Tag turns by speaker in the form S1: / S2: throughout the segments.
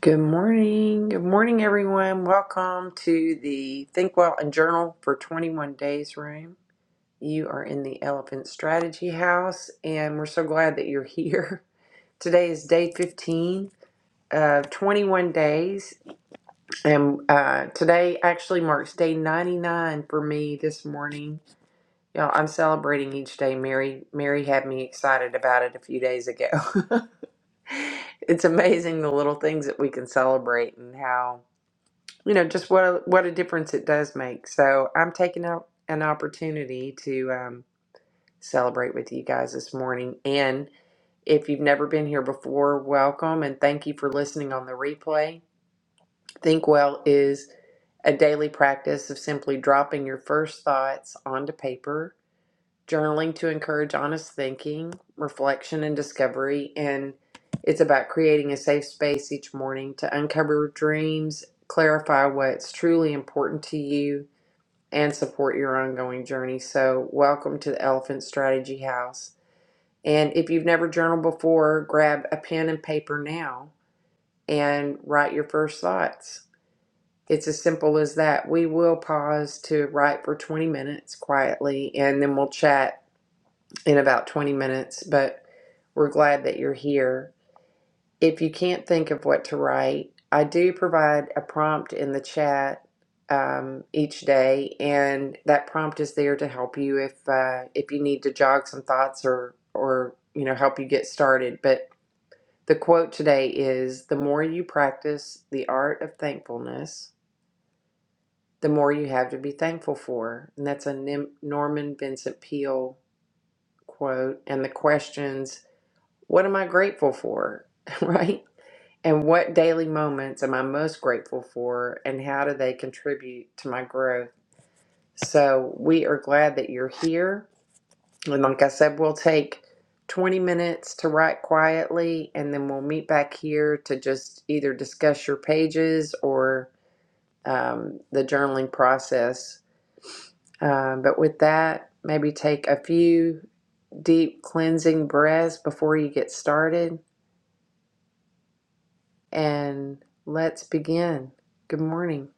S1: Good morning. Good morning, everyone. Welcome to the Think Well and Journal for 21 Days room. You are in the Elephant Strategy House, and we're so glad that you're here. Today is day 15 of 21 days, and uh, today actually marks day 99 for me this morning. Y'all, I'm celebrating each day. Mary, Mary had me excited about it a few days ago. it's amazing the little things that we can celebrate and how. you know just what a, what a difference it does make so i'm taking out an opportunity to um, celebrate with you guys this morning and if you've never been here before welcome and thank you for listening on the replay think well is a daily practice of simply dropping your first thoughts onto paper journaling to encourage honest thinking, reflection, and discovery. And it's about creating a safe space each morning to uncover dreams, clarify what's truly important to you, and support your ongoing journey. So, welcome to the Elephant Strategy House. And if you've never journaled before, grab a pen and paper now and write your first thoughts. It's as simple as that. We will pause to write for 20 minutes quietly and then we'll chat in about 20 minutes, but we're glad that you're here. If you can't think of what to write, I do provide a prompt in the chat um, each day, and that prompt is there to help you if uh, if you need to jog some thoughts or or you know help you get started. But the quote today is: "The more you practice the art of thankfulness, the more you have to be thankful for." And that's a Nim- Norman Vincent Peale quote. And the questions What am I grateful for? Right? And what daily moments am I most grateful for? And how do they contribute to my growth? So we are glad that you're here. And like I said, we'll take 20 minutes to write quietly, and then we'll meet back here to just either discuss your pages or um, the journaling process. Um, but with that, maybe take a few deep cleansing breaths before you get started. and let's begin. Good morning.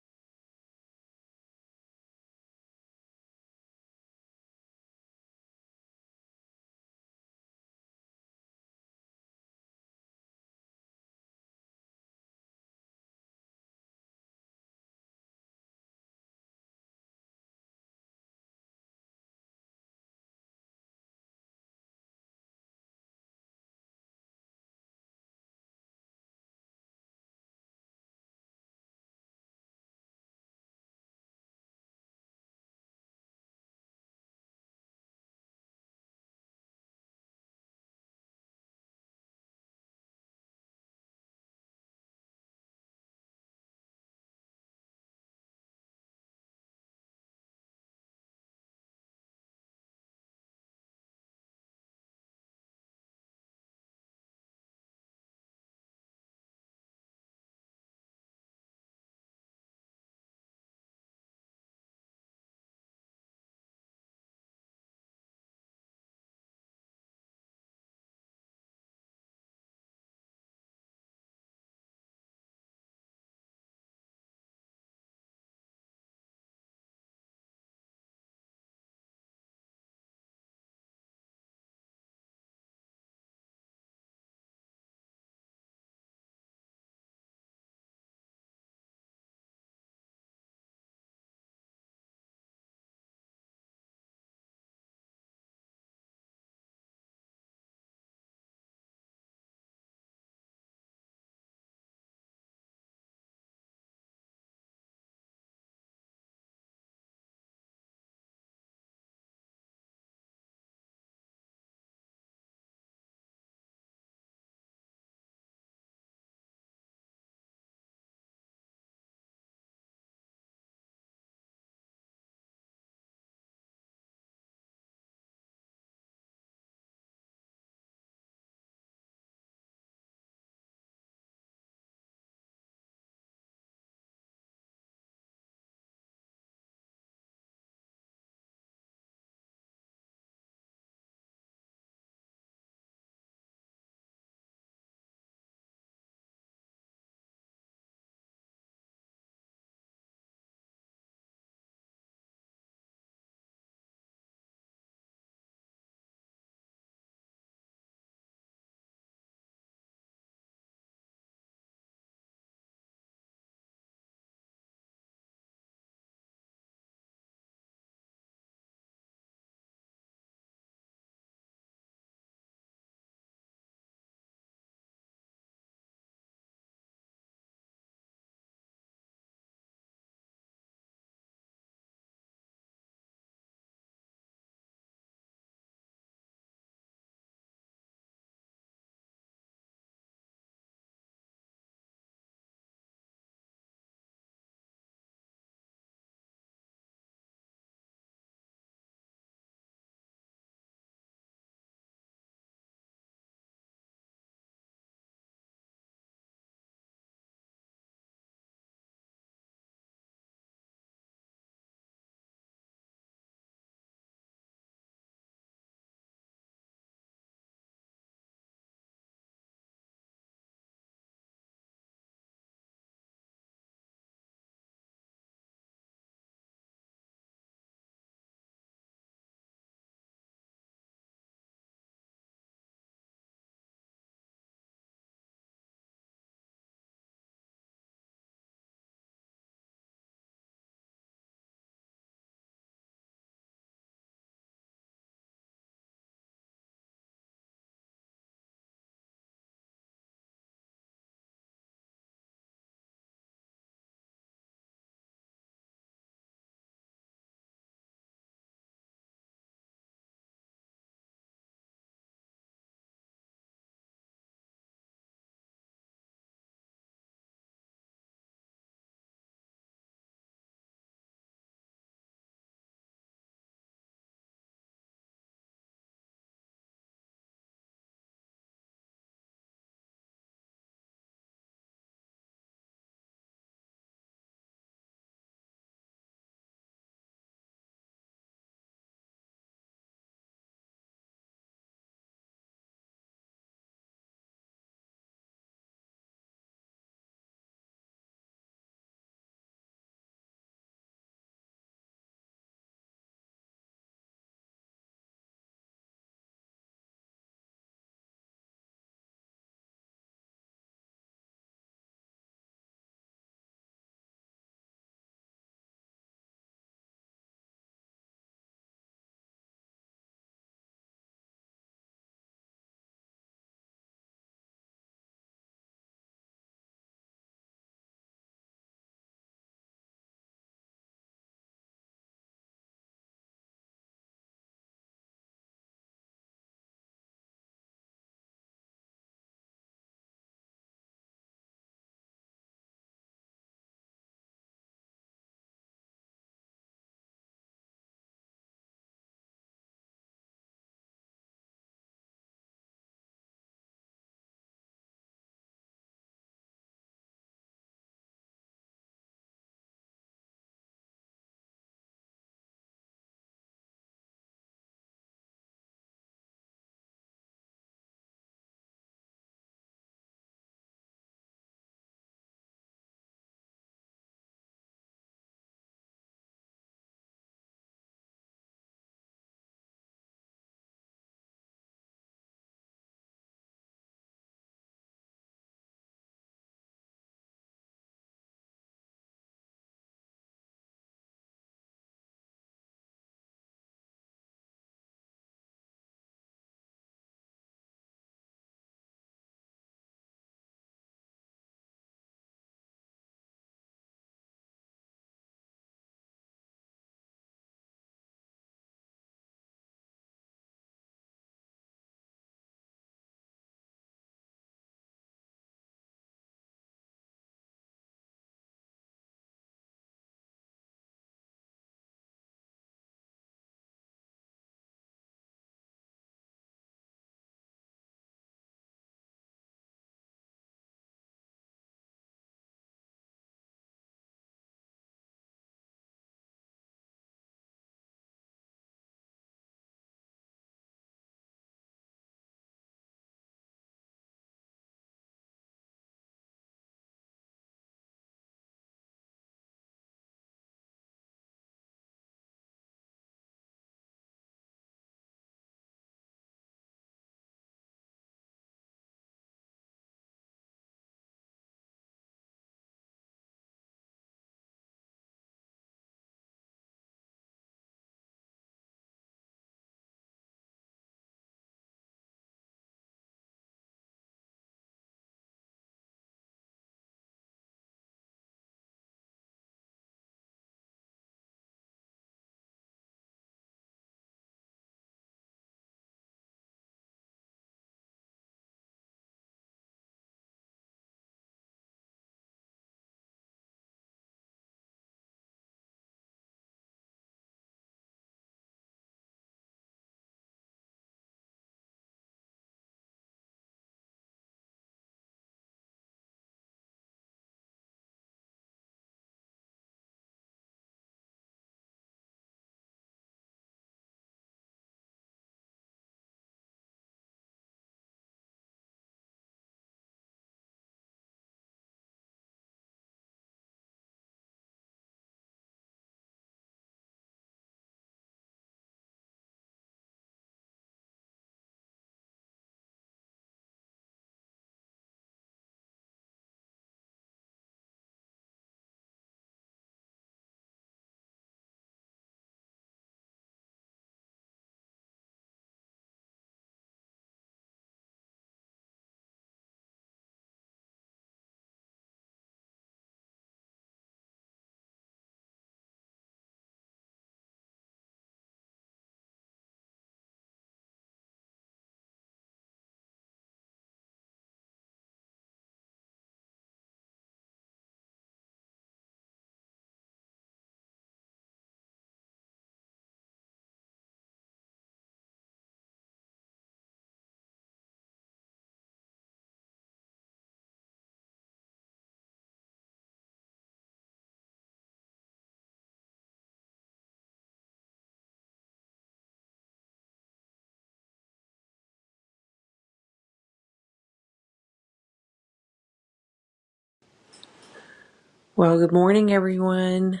S1: Well, good morning, everyone.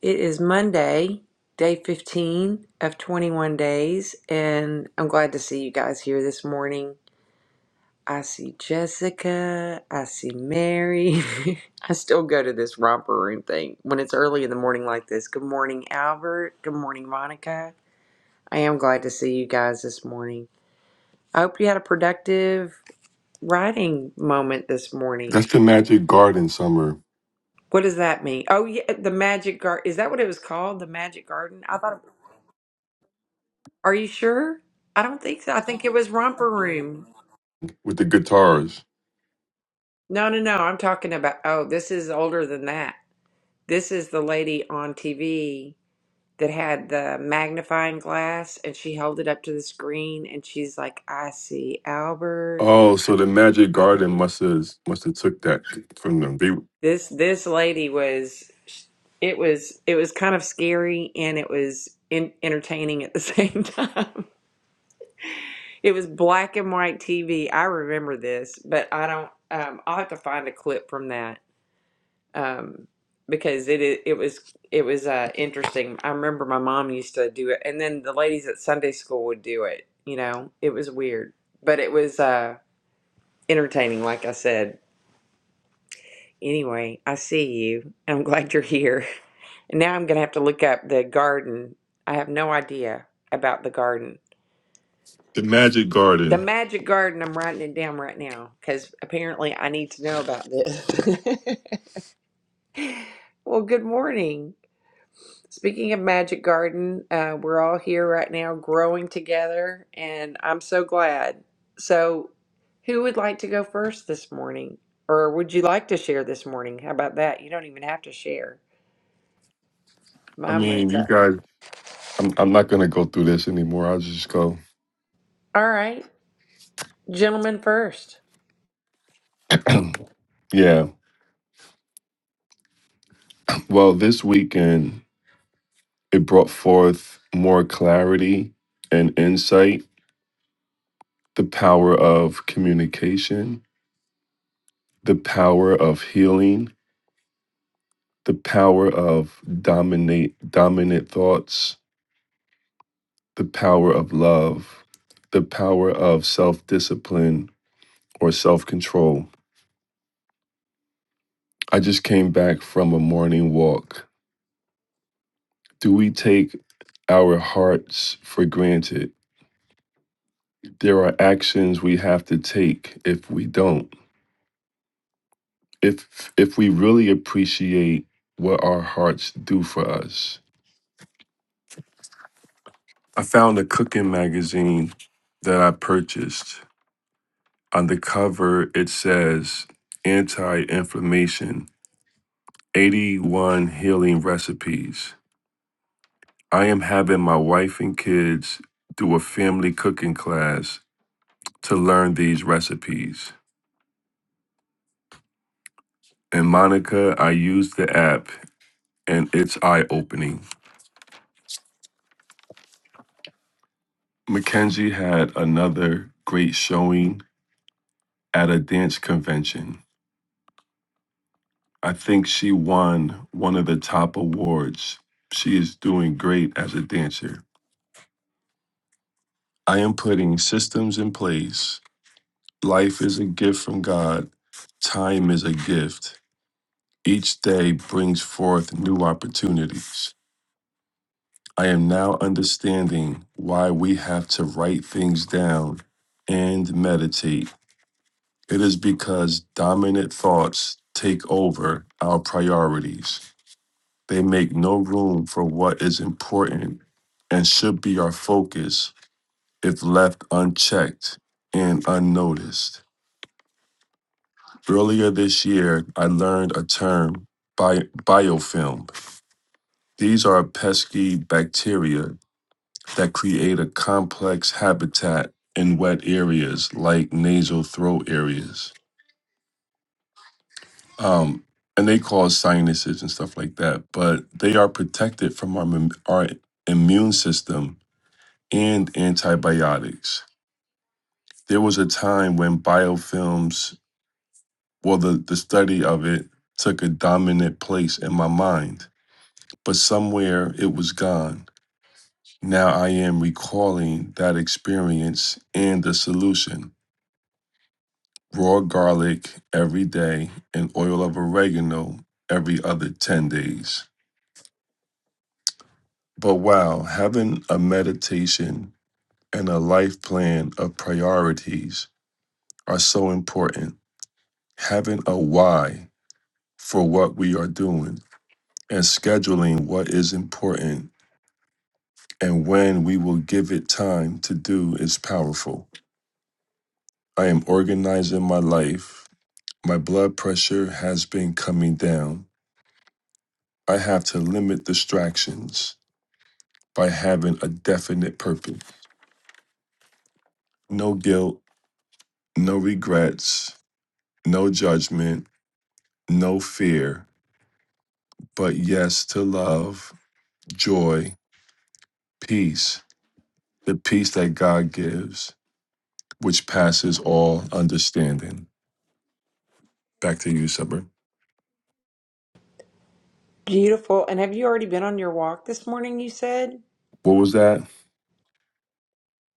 S1: It is Monday, day 15 of 21 days, and I'm glad to see you guys here this morning. I see Jessica, I see Mary. I still go to this romper room thing when it's early in the morning like this. Good morning, Albert. Good morning, Monica. I am glad to see you guys this morning. I hope you had a productive writing moment this morning
S2: That's the Magic Garden summer
S1: What does that mean? Oh, yeah, uh, the Magic Garden. Is that what it was called? The Magic Garden? I thought. Are you sure? I don't think so. I think it was Romper Room.
S2: with the guitars.
S1: No, no, no. I'm talking about. Oh, this is older than that. This is the lady on TV that had the magnifying glass, and she held it up to the screen, and she's like, "I see Albert."
S2: Oh, so the Magic
S1: I,
S2: Garden must have must have took that from them. They,
S1: this this lady was. It was it was kind of scary, and it was in, entertaining at the same time. It was black and white TV. I remember this, but I don't. Um, I'll have to find a clip from that um, because it it was it was uh, interesting. I remember my mom used to do it, and then the ladies at Sunday school would do it. You know, it was weird, but it was uh, entertaining. Like I said. Anyway, I see you. and I'm glad you're here. And now I'm gonna have to look up the garden. I have no idea about the garden.
S2: the Magic
S1: The
S2: Garden.
S1: Magic Garden, I'm writing it down right now because apparently I need to know about this. well, good morning. Speaking of Magic Garden, uh, we're all here right now growing together, and I'm so glad. So, who would like to go first this morning? Or would you like to share this morning? How about that? You don't even have to share.
S2: I
S1: Mine was
S2: mean, you
S1: up.
S2: guys. I'm I'm not gonna go through this anymore. I'll just go.
S1: All right, gentlemen first.
S2: yeah. Well, this weekend it brought forth more clarity and insight. The power of communication. The power of healing. The power of dominate dominant thoughts the power of love, the power of self discipline or self control. I just came back from a morning walk. Do we take our hearts for granted? There are actions we have to take if we don't. If if we really appreciate what our hearts do for us. I found a cooking magazine that I purchased. On the cover it says anti-inflammation 81 Healing Recipes. I am having my wife and kids do a family cooking class to learn these recipes. And Monica, I used the app and it's eye opening. Mackenzie had another great showing at a dance convention. I think she won one of the top awards. She is doing great as a dancer. I am putting systems in place. Life is a gift from God. Time is a gift Each day brings forth new opportunities. I am now understanding why we have to write things down and meditate. It is because dominant thoughts take over our priorities. They make no room for what is important and should be our focus if left unchecked and unnoticed. Earlier this year, I learned a term, bi- biofilm. These are pesky bacteria that create a complex habitat in wet areas like nasal throat areas. Um, and they cause sinuses and stuff like that, but they are protected from our, mim- our immune system and antibiotics. There was a time when biofilms, well, the, the study of it took a dominant place in my mind, but somewhere it was gone. Now I am recalling that experience and the solution. raw garlic every day, and oil of oregano every other 10 days. But wow, having a meditation and a life plan of priorities are so important. Having a why for what we are doing and scheduling what is important and when we will give it time to do is powerful. I am organizing my life. My blood pressure has been coming down. I have to limit distractions. by having a definite purpose. No guilt, no regrets, no judgment, no fear, but yes to love, joy, peace, the peace that God gives, which passes all understanding. Back to you, Subber.
S1: Beautiful. And have you already been on your walk this morning, you said?
S2: What was that?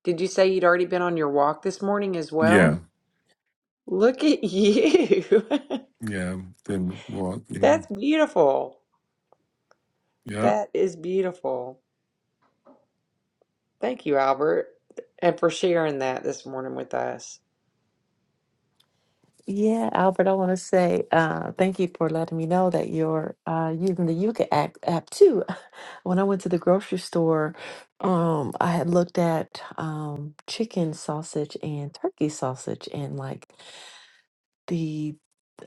S1: Did you say you'd already been on your walk this morning as well?
S2: Yeah.
S1: Look at you.
S2: Yeah. Then walk. Yeah.
S1: That's beautiful.
S2: Yep.
S1: That is beautiful. Thank you, Albert, and for sharing that this morning with us.
S3: Yeah, Albert, I want to say uh, thank you for letting me know that you're uh, using the Yuka app, app too. When I went to the grocery store, um, I had looked at um, chicken sausage and turkey sausage, and like the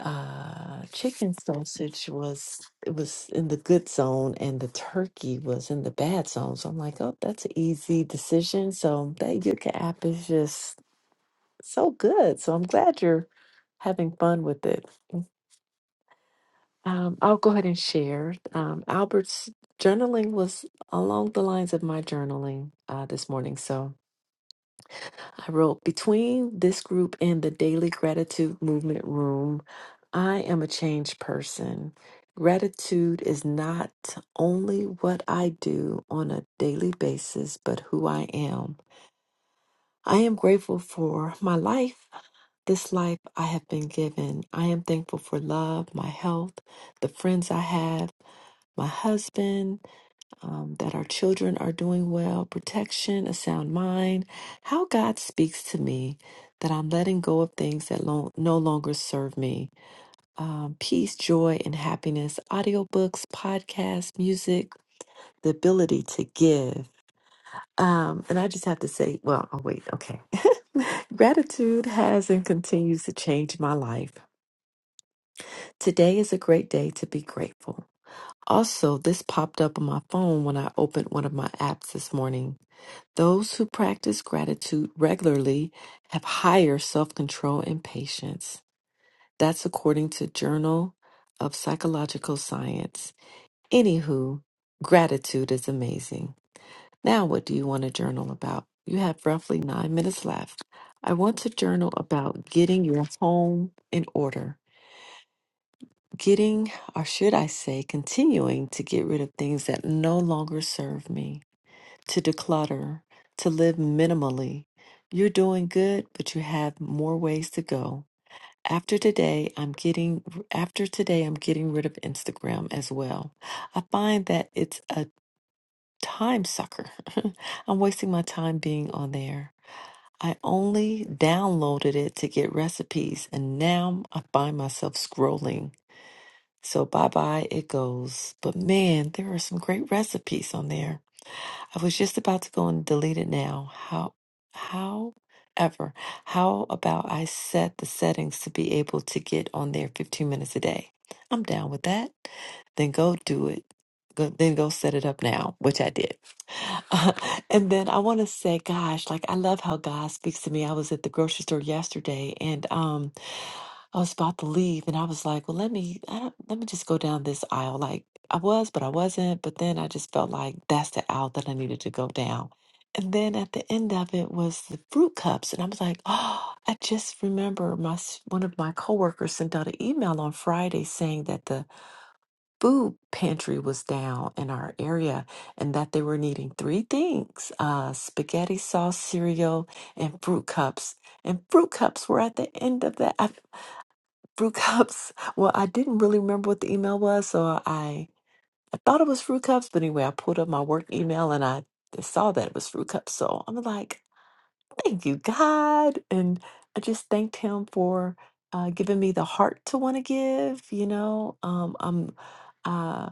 S3: uh, chicken sausage was it was in the good zone, and the turkey was in the bad zone. So I'm like, oh, that's an easy decision. So that Yuka app is just so good. So I'm glad you're having fun with it. Mm, Um, I'll go ahead and share. Um, Albert's journaling was along the lines of my journaling uh, this morning. So I wrote Between this group and the daily gratitude movement room, I am a changed person. Gratitude is not only what I do on a daily basis, but who I am. I am grateful for my life This life I have been given. I am thankful for love, my health, the friends I have, my husband, um, that our children are doing well, protection, a sound mind. How God speaks to me that I'm letting go of things that lo- no longer serve me. Um, peace, joy, and happiness, audiobooks, podcasts, music, the ability to give. Um, and I just have to say, well, oh, wait, okay. Gratitude has and continues to change my life. Today is a great day to be grateful. Also, this popped up on my phone when I opened one of my apps this morning. Those who practice gratitude regularly have higher self control and patience. That's according to Journal of Psychological Science. Anywho, gratitude is amazing. Now, what do you want to journal about? You have roughly nine minutes left. I want to journal about getting your home in order. getting, or should I say, continuing to get rid of things that no longer serve me, to declutter, to live minimally. You're doing good, but you have more ways to go. After today, I'm getting after today I'm getting rid of Instagram as well. I find that it's a time sucker. I'm wasting my time being on there. I only downloaded it to get recipes and now I find myself scrolling so bye bye, it goes. But man, there are some great recipes on there. I was just about to go and delete it now. How, how ever, how about I set the settings to be able to get on there 15 minutes a day? I'm down with that. Then go do it. Go, then go set it up now, which I did. Uh, and then I want to say, gosh, like I love how God speaks to me. I was at the grocery store yesterday and, um, I was about to leave and I was like, well, let me I don't, let me just go down this aisle. Like I was, but I wasn't. But then I just felt like that's the aisle that I needed to go down. And then at the end of it was the fruit cups, and I was like, oh, I just remember my s- one of my coworkers sent out an email on Friday saying that the food pantry was down in our area and that they were needing three things: uh, spaghetti sauce, cereal, and fruit cups and fruit cups were at the end of that. Fruit cups. Well, I didn't really remember what the email was, so I I thought it was fruit cups, but anyway, I pulled up my work email and I saw that it was fruit cups. So I'm like, thank you, God, and I just thanked Him for uh, giving me the heart to want to give. You know, um, I'm. Uh,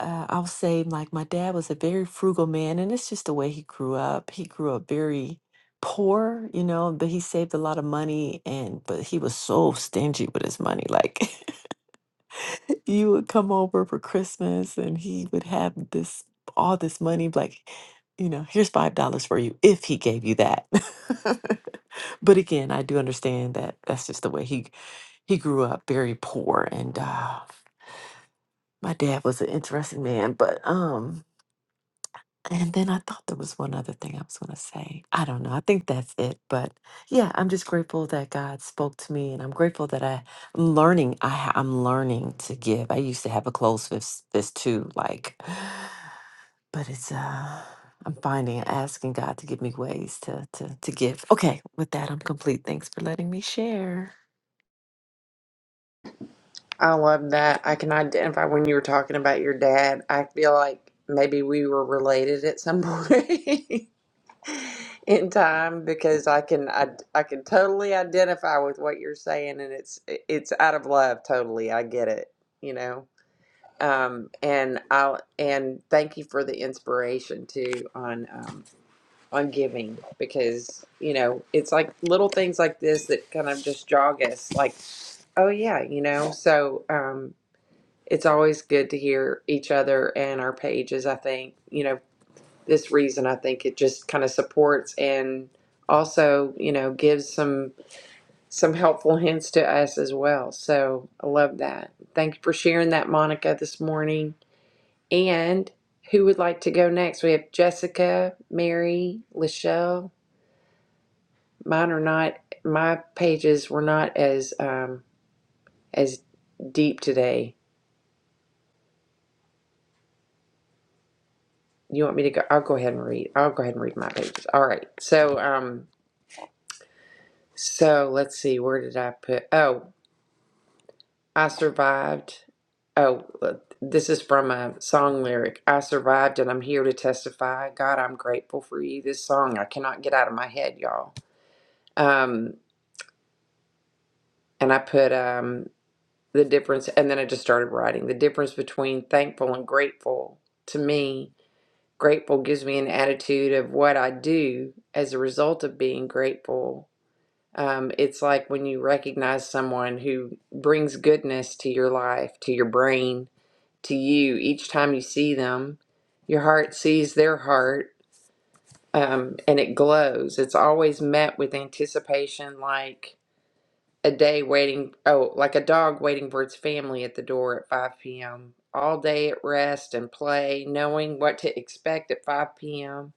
S3: uh, I'll say, like, my dad was a very frugal man, and it's just the way he grew up. He grew up very poor, you know, but he saved a lot of money, and but he was so stingy with his money, like. you would come over for Christmas and he would have this all this money like you know here's five dollars for you if he gave you that but again I do understand that that's just the way he he grew up very poor and uh my dad was an interesting man but um. And then I thought there was one other thing I was going to say. I don't know. I think that's it. But yeah, I'm just grateful that God spoke to me, and I'm grateful that I, I'm learning. I, ha- I'm learning to give. I used to have a closed fist, fist too, like, but it's uh, I'm finding asking God to give me ways to to to give. Okay, with that, I'm complete. Thanks for letting me share.
S1: I love that. I can identify when you were talking about your dad. I feel like maybe we were related at some point in time because I can I, I can totally identify with what you're saying and it's it's out of love totally. I get it, you know. Um and I'll and thank you for the inspiration too on um on giving because you know it's like little things like this that kind of just jog us like oh yeah you know so um it's always good to hear each other and our pages i think you know this reason i think it just kind of supports and also you know gives some some helpful hints to us as well so i love that thank you for sharing that monica this morning and who would like to go next we have jessica mary lachelle Mine are not, my pages were not as um, as deep today. You want me to go? I'll go ahead and read. I'll go ahead and read my pages. All right. So um, so let's see. Where did I put? Oh, I survived. Oh, this is from a song lyric. I survived and I'm here to testify. God, I'm grateful for you. This song I cannot get out of my head, y'all. Um, and I put um the difference, and then I just started writing the difference between thankful and grateful to me Grateful gives me an attitude of what I do as a result of being grateful. Um, it's like when you recognize someone who brings goodness to your life, to your brain, to you each time you see them. Your heart sees their heart um, and it glows. It's always met with anticipation, like a day waiting, oh, like a dog waiting for its family at the door at 5 p.m. All day at rest and play, knowing what to expect at 5 p.m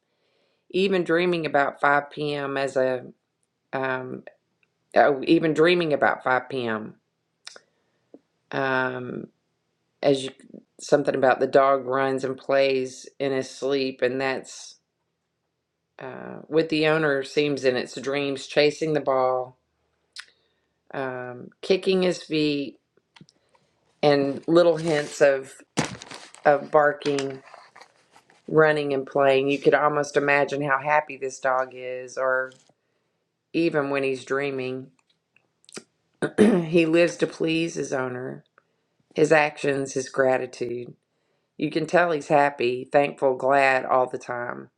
S1: even dreaming about 5 p.m. as a, um, oh, even dreaming about 5 p.m. Um, as you, something about the dog runs and plays in his sleep, and that's uh, with the owner seems in its dreams, chasing the ball, um, kicking his feet, and little hints of of barking, running and playing. You could almost imagine how happy this dog is, or even when he's dreaming, he lives to please his owner His actions, his gratitude. You can tell he's happy, thankful, glad all the time.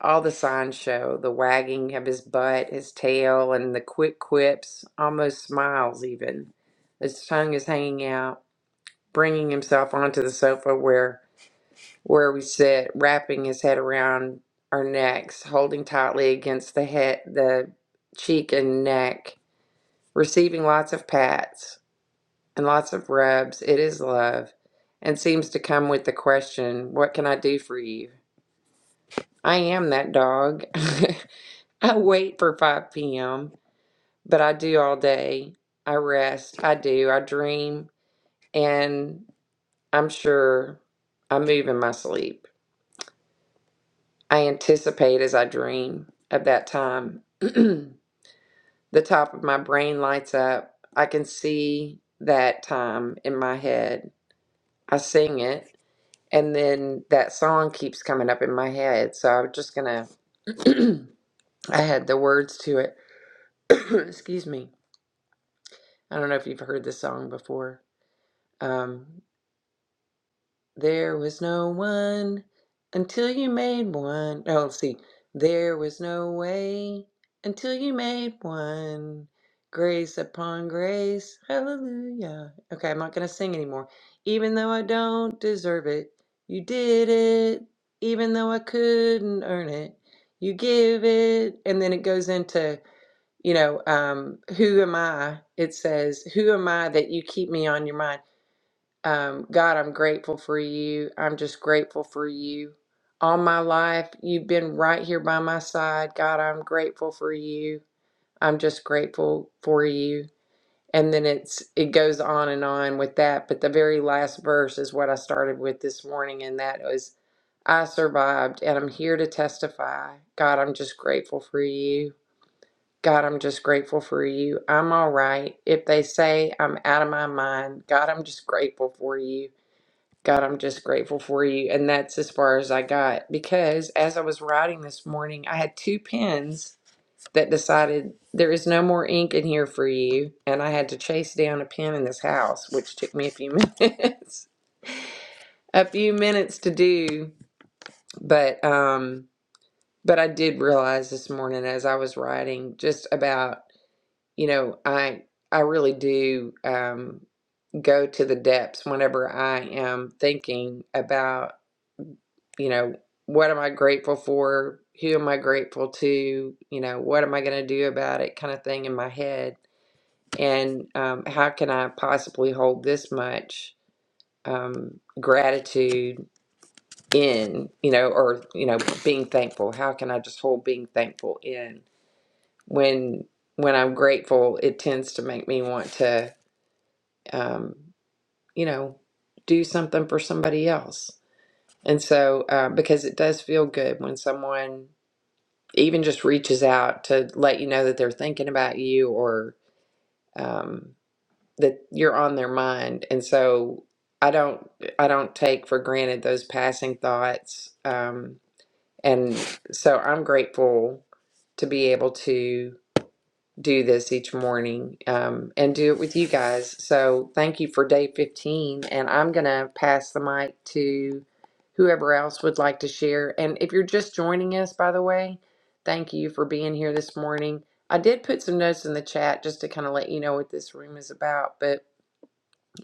S1: All the signs show the wagging of his butt, his tail, and the quick quips, almost smiles even. His tongue is hanging out, bringing himself onto the sofa where where we sit, wrapping his head around our necks, holding tightly against the head, the cheek and neck, receiving lots of pats and lots of rubs. It is love and seems to come with the question, What can I do for you? I am that dog. I wait for 5 p.m., but I do all day. I rest. I do. I dream. And I'm sure I move in my sleep. I anticipate as I dream of that time. the top of my brain lights up. I can see that time in my head. I sing it. And then that song keeps coming up in my head. So I'm just going to, I had the words to it. Excuse me. I don't know if you've heard this song before. Um, There was no one until you made one. No, let's see. There was no way until you made one. Grace upon grace. Hallelujah. Okay, I'm not going to sing anymore. Even though I don't deserve it, you did it. Even though I couldn't earn it, you give it. And then it goes into, you know, um, who am I? It says, Who am I that you keep me on your mind? Um, God, I'm grateful for you. I'm just grateful for you. All my life, you've been right here by my side. God, I'm grateful for you. I'm just grateful for you. And then it's it goes on and on with that. But the very last verse is what I started with this morning, and that was, I survived and I'm here to testify. God, I'm just grateful for you. God, I'm just grateful for you. I'm all right. If they say I'm out of my mind, God, I'm just grateful for you. God, I'm just grateful for you. And that's as far as I got because as I was writing this morning, I had two pens that decided there is no more ink in here for you. And I had to chase down a pen in this house, which took me a few minutes, a few minutes to do. But, um, but I did realize this morning as I was writing just about, you know, I, I really do, um, go to the depths whenever I am thinking about you know, what am I grateful for? Who am I grateful to? You know, what am I going to do about it? Kind of thing in my head. And um, how can I possibly hold this much um, gratitude in, you know, or, you know, being thankful? How can I just hold being thankful in when? When I'm grateful, it tends to make me want to, um, you know, do something for somebody else. And so, uh, because it does feel good when someone even just reaches out to let you know that they're thinking about you or um, that you're on their mind. And so I don't I don't take for granted those passing thoughts. Um, and so I'm grateful to be able to do this each morning um, and do it with you guys. So thank you for day 15. And I'm going to pass the mic to whoever else would like to share. And if you're just joining us, by the way, thank you for being here this morning. I did put some notes in the chat just to kind of let you know what this room is about, but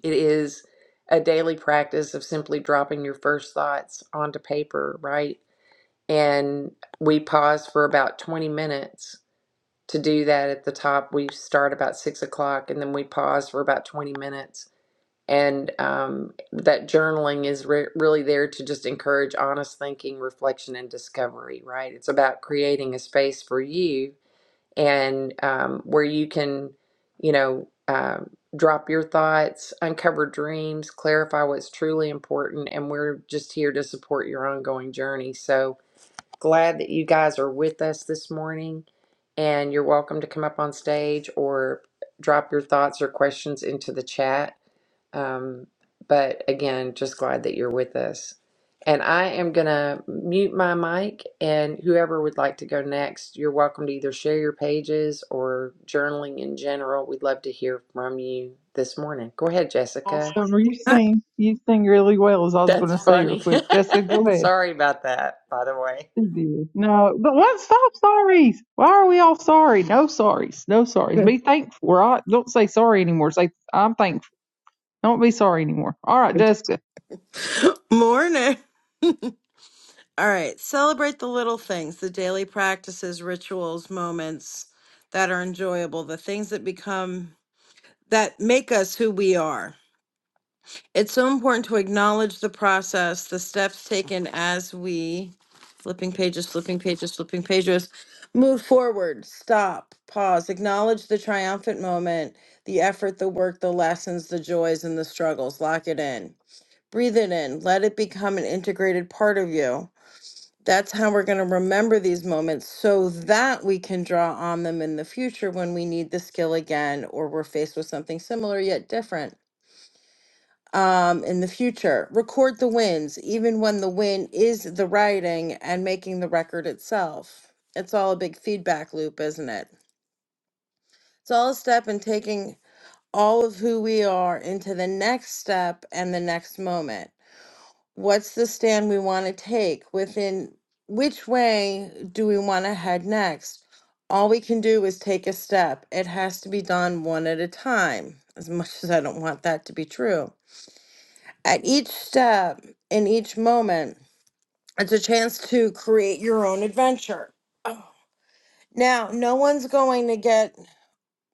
S1: it is a daily practice of simply dropping your first thoughts onto paper, right? And we pause for about 20 minutes to do that at the top. We start about six o'clock and then we pause for about 20 minutes. And um, that journaling is re- really there to just encourage honest thinking, reflection, and discovery, right? It's about creating a space for you and um, where you can, you know, um, drop your thoughts, uncover dreams, clarify what's truly important. And we're just here to support your ongoing journey. So, glad that you guys are with us this morning. And you're welcome to come up on stage or drop your thoughts or questions into the chat. Um, but again, just glad that you're with us. And I am going to mute my mic, and whoever would like to go next, you're welcome to either share your pages or journaling in general. We'd love to hear from you this morning. Go ahead, Jessica.
S4: Awesome. You sing you sing really well is all I was
S1: That's
S4: gonna say real
S1: funny.
S4: quick. Jessica, go ahead.
S1: Sorry about that, by the way.
S4: She did. No, but what stop sorries. Why are we all sorry? No sorries. No sorries. Be thankful, right? Don't say sorry anymore. Say I'm thankful. Don't be sorry anymore. All right, Jessica.
S5: Morning. All right. Celebrate the little things, the daily practices, rituals, moments that are enjoyable, the things that become, that make us who we are. It's so important to acknowledge the process, the steps taken as we, flipping pages, flipping pages, flipping pages, move forward, stop, pause, acknowledge the triumphant moment, the effort, the work, the lessons, the joys, and the struggles. Lock it in. Breathe it in. Let it become an integrated part of you That's how we're going to remember these moments so that we can draw on them in the future when we need the skill again or we're faced with something similar yet different um, in the future. Record the wins, even when the win is the writing and making the record itself. It's all a big feedback loop, isn't it? It's all a step in taking all of who we are into the next step and the next moment. what's the stand we want to take within which way do we want to head next all we can do is take a step it has to be done one at a time as much as i don't want that to be true at each step in each moment it's a chance to create your own adventure now no one's going to get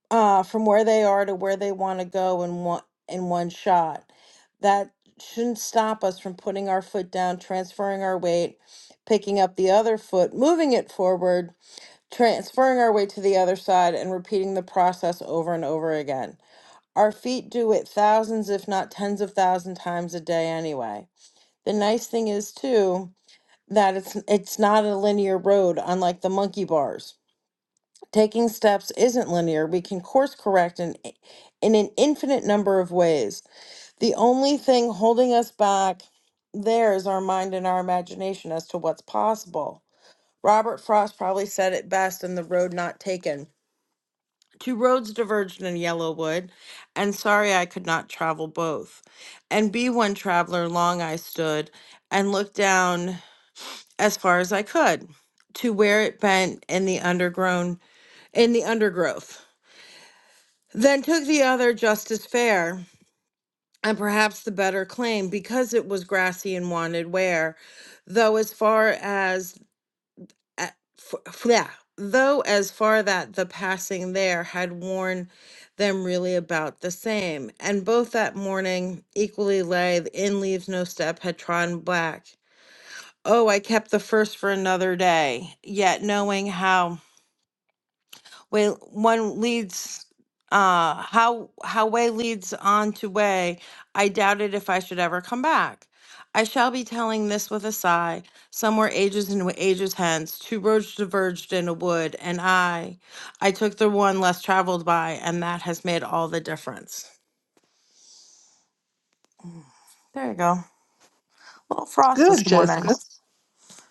S5: uh, from where they are to where they want to go in one in one shot. That shouldn't stop us from putting our foot down, transferring our weight, picking up the other foot, moving it forward, transferring our weight to the other side, and repeating the process over and over again. Our feet do it thousands, if not tens of thousand times a day anyway. The nice thing is too that it's it's not a linear road unlike the monkey bars Taking steps isn't linear. We can course correct in, in an infinite number of ways. The only thing holding us back there is our mind and our imagination as to what's possible. Robert Frost probably said it best in The Road Not Taken. Two roads diverged in Yellowwood, and sorry I could not travel both. And be one traveler long I stood and looked down as far as I could to where it bent in the undergrown in the undergrowth Then took the other just as fair, and perhaps the better claim, because it was grassy and wanted wear, though as far as a- f- f- yeah, though as far that the passing there had worn them really about the same, and both that morning equally lay the in leaves no step had trodden black. Oh, I kept the first for another day, yet knowing how. Way one leads uh how how way leads on to way. I doubted if I should ever come back. I shall be telling this with a sigh. Somewhere ages and ages hence, two roads diverged in a wood, and I, I took the one less traveled by, and that has made all the difference. There you go. little frost this
S4: Good,
S5: morning.
S4: Jessica.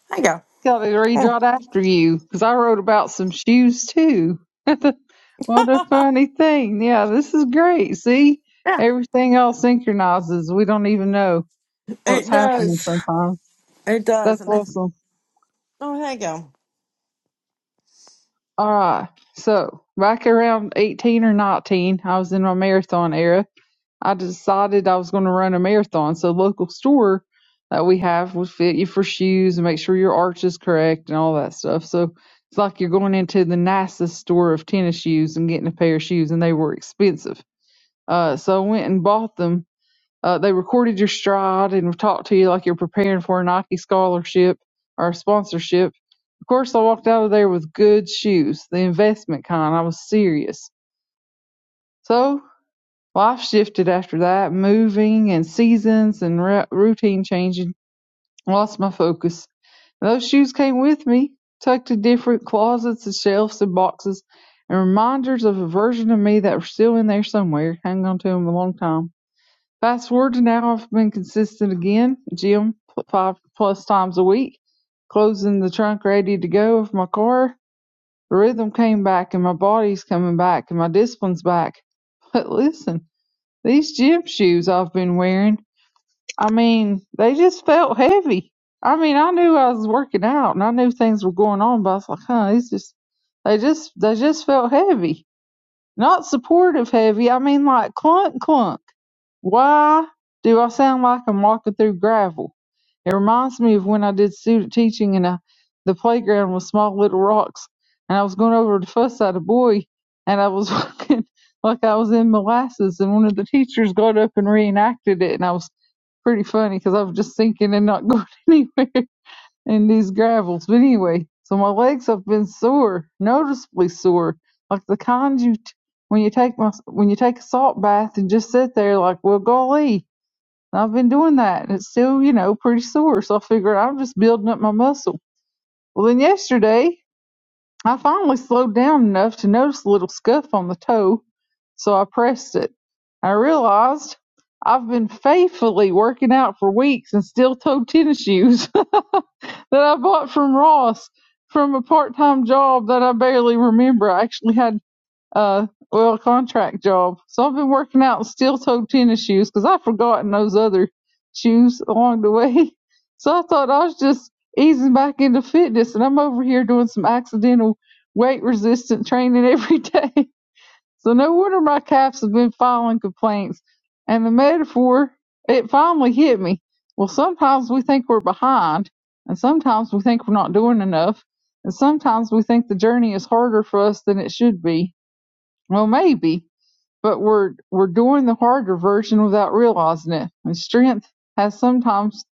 S5: There you
S4: Got to read right after you because I wrote about some shoes too. what a
S5: go.
S4: funny thing. Yeah, this is great. See,
S5: Yeah,
S4: everything all synchronizes. We don't even know what's
S5: it
S4: happening
S5: does.
S4: sometimes.
S5: It does.
S4: That's
S5: And I,
S4: awesome.
S5: oh, there you go.
S4: All right. So back around 18 or 19, I was in my marathon era. I decided I was going to run a marathon. So local store that we have would fit you for shoes and make sure your arch is correct and all that stuff. So it's like you're going into the nicest store of tennis shoes and getting a pair of shoes, and they were expensive. Uh, so I went and bought them. Uh, they recorded your stride and talked to you like you're preparing for a Nike scholarship or a sponsorship of course I walked out of there with good shoes, the investment kind. I was serious. So life shifted after that, moving and seasons and ru- routine changing. Lost my focus. And Those shoes came with me, tucked in different closets and shelves and boxes, and reminders of a version of me that were still in there somewhere. Hanging on to them a long time. Fast forward to now, I've been consistent again, gym five plus times a week, closing the trunk ready to go of my car, The rhythm came back and my body's coming back and my discipline's back. But listen, these gym shoes I've been wearing, I mean, they just felt heavy. I mean, I knew I was working out and I knew things were going on, but I was like, huh, these just they just they just felt heavy. Not supportive heavy, I mean like clunk clunk. Why do I sound like I'm walking through gravel? It reminds me of when I did student teaching and I, the playground was small little rocks, and I was going over to fuss at a boy, and I was walking like I was in molasses, and one of the teachers got up and reenacted it, and I was pretty funny because I was just sinking and not going anywhere in these gravels. But anyway, so my legs have been sore, noticeably sore, like the kind you. T- when you take my, when you take a salt bath and just sit there like, well, golly, and I've been doing that, and it's still, you know, pretty sore. So I figured I'm just building up my muscle. Well, then yesterday, I finally slowed down enough to notice a little scuff on the toe, so I pressed it. I realized I've been faithfully working out for weeks in steel-toed tennis shoes that I bought from Ross from a part-time job that I barely remember. I actually had uh well a well, contract job so i've been working out in steel toed tennis shoes because i've forgotten those other shoes along the way so i thought i was just easing back into fitness and i'm over here doing some accidental weight resistant training every day so no wonder my calves have been filing complaints and the metaphor it finally hit me well sometimes we think we're behind and sometimes we think we're not doing enough and sometimes we think the journey is harder for us than it should be well, maybe, but we're we're doing the harder version without realizing it. And strength has sometimes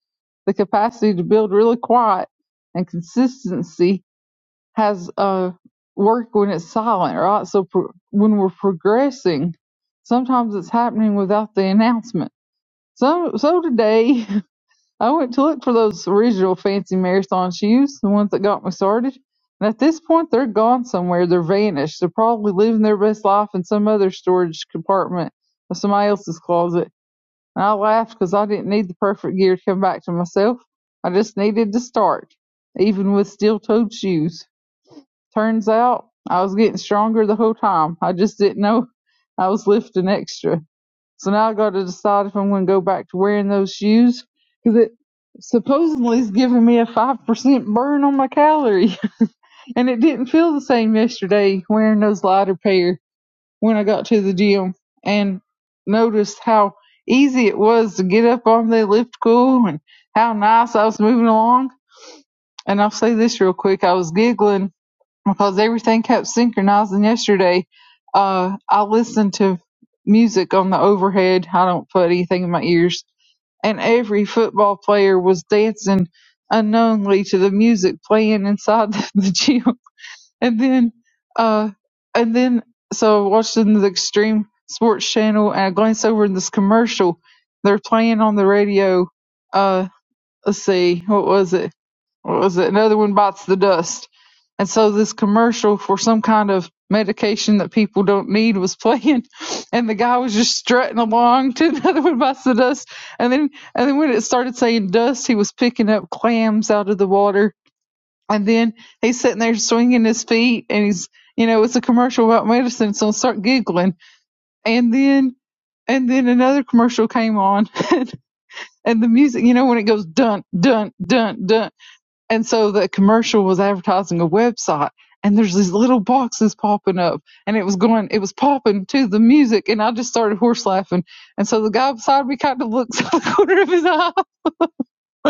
S4: the capacity to build really quiet, and consistency has uh work when it's silent, right? So pro- when we're progressing, sometimes it's happening without the announcement. So so today I went to look for those original fancy marathon shoes, the ones that got me started. And at this point, they're gone somewhere. They're vanished. They're probably living their best life in some other storage compartment of somebody else's closet. And I laughed because I didn't need the perfect gear to come back to myself. I just needed to start, even with steel toed shoes. Turns out I was getting stronger the whole time. I just didn't know I was lifting extra. So now I got to decide if I'm going to go back to wearing those shoes because it supposedly is giving me a five percent burn on my calorie, and it didn't feel the same yesterday wearing those lighter pair when I got to the gym and noticed how easy it was to get up on the elliptical and how nice I was moving along. And I'll say this real quick: I was giggling because everything kept synchronizing yesterday. Uh, I listened to music on the overhead. I don't put anything in my ears. And every football player was dancing unknowingly to the music playing inside the, gym. And then, uh, and then, so watching the Extreme Sports Channel and I glanced over in this commercial. They're playing on the radio. Uh, let's see, what was it? what was it? Another one bites the dust. And so this commercial for some kind of medication that people don't need was playing, and the guy was just strutting along to another one bites the dust. And then, and then when it started saying dust, he was picking up clams out of the water. And then he's sitting there swinging his feet, and he's, you know, it's a commercial about medicine, so I start giggling. And then, and then another commercial came on, and the music, you know, when it goes dun dun dun dun and so the commercial was advertising a website and there's these little boxes popping up and it was going, it was popping to the music and I just started horse laughing. And so the guy beside me kind of looks out the corner of his eye.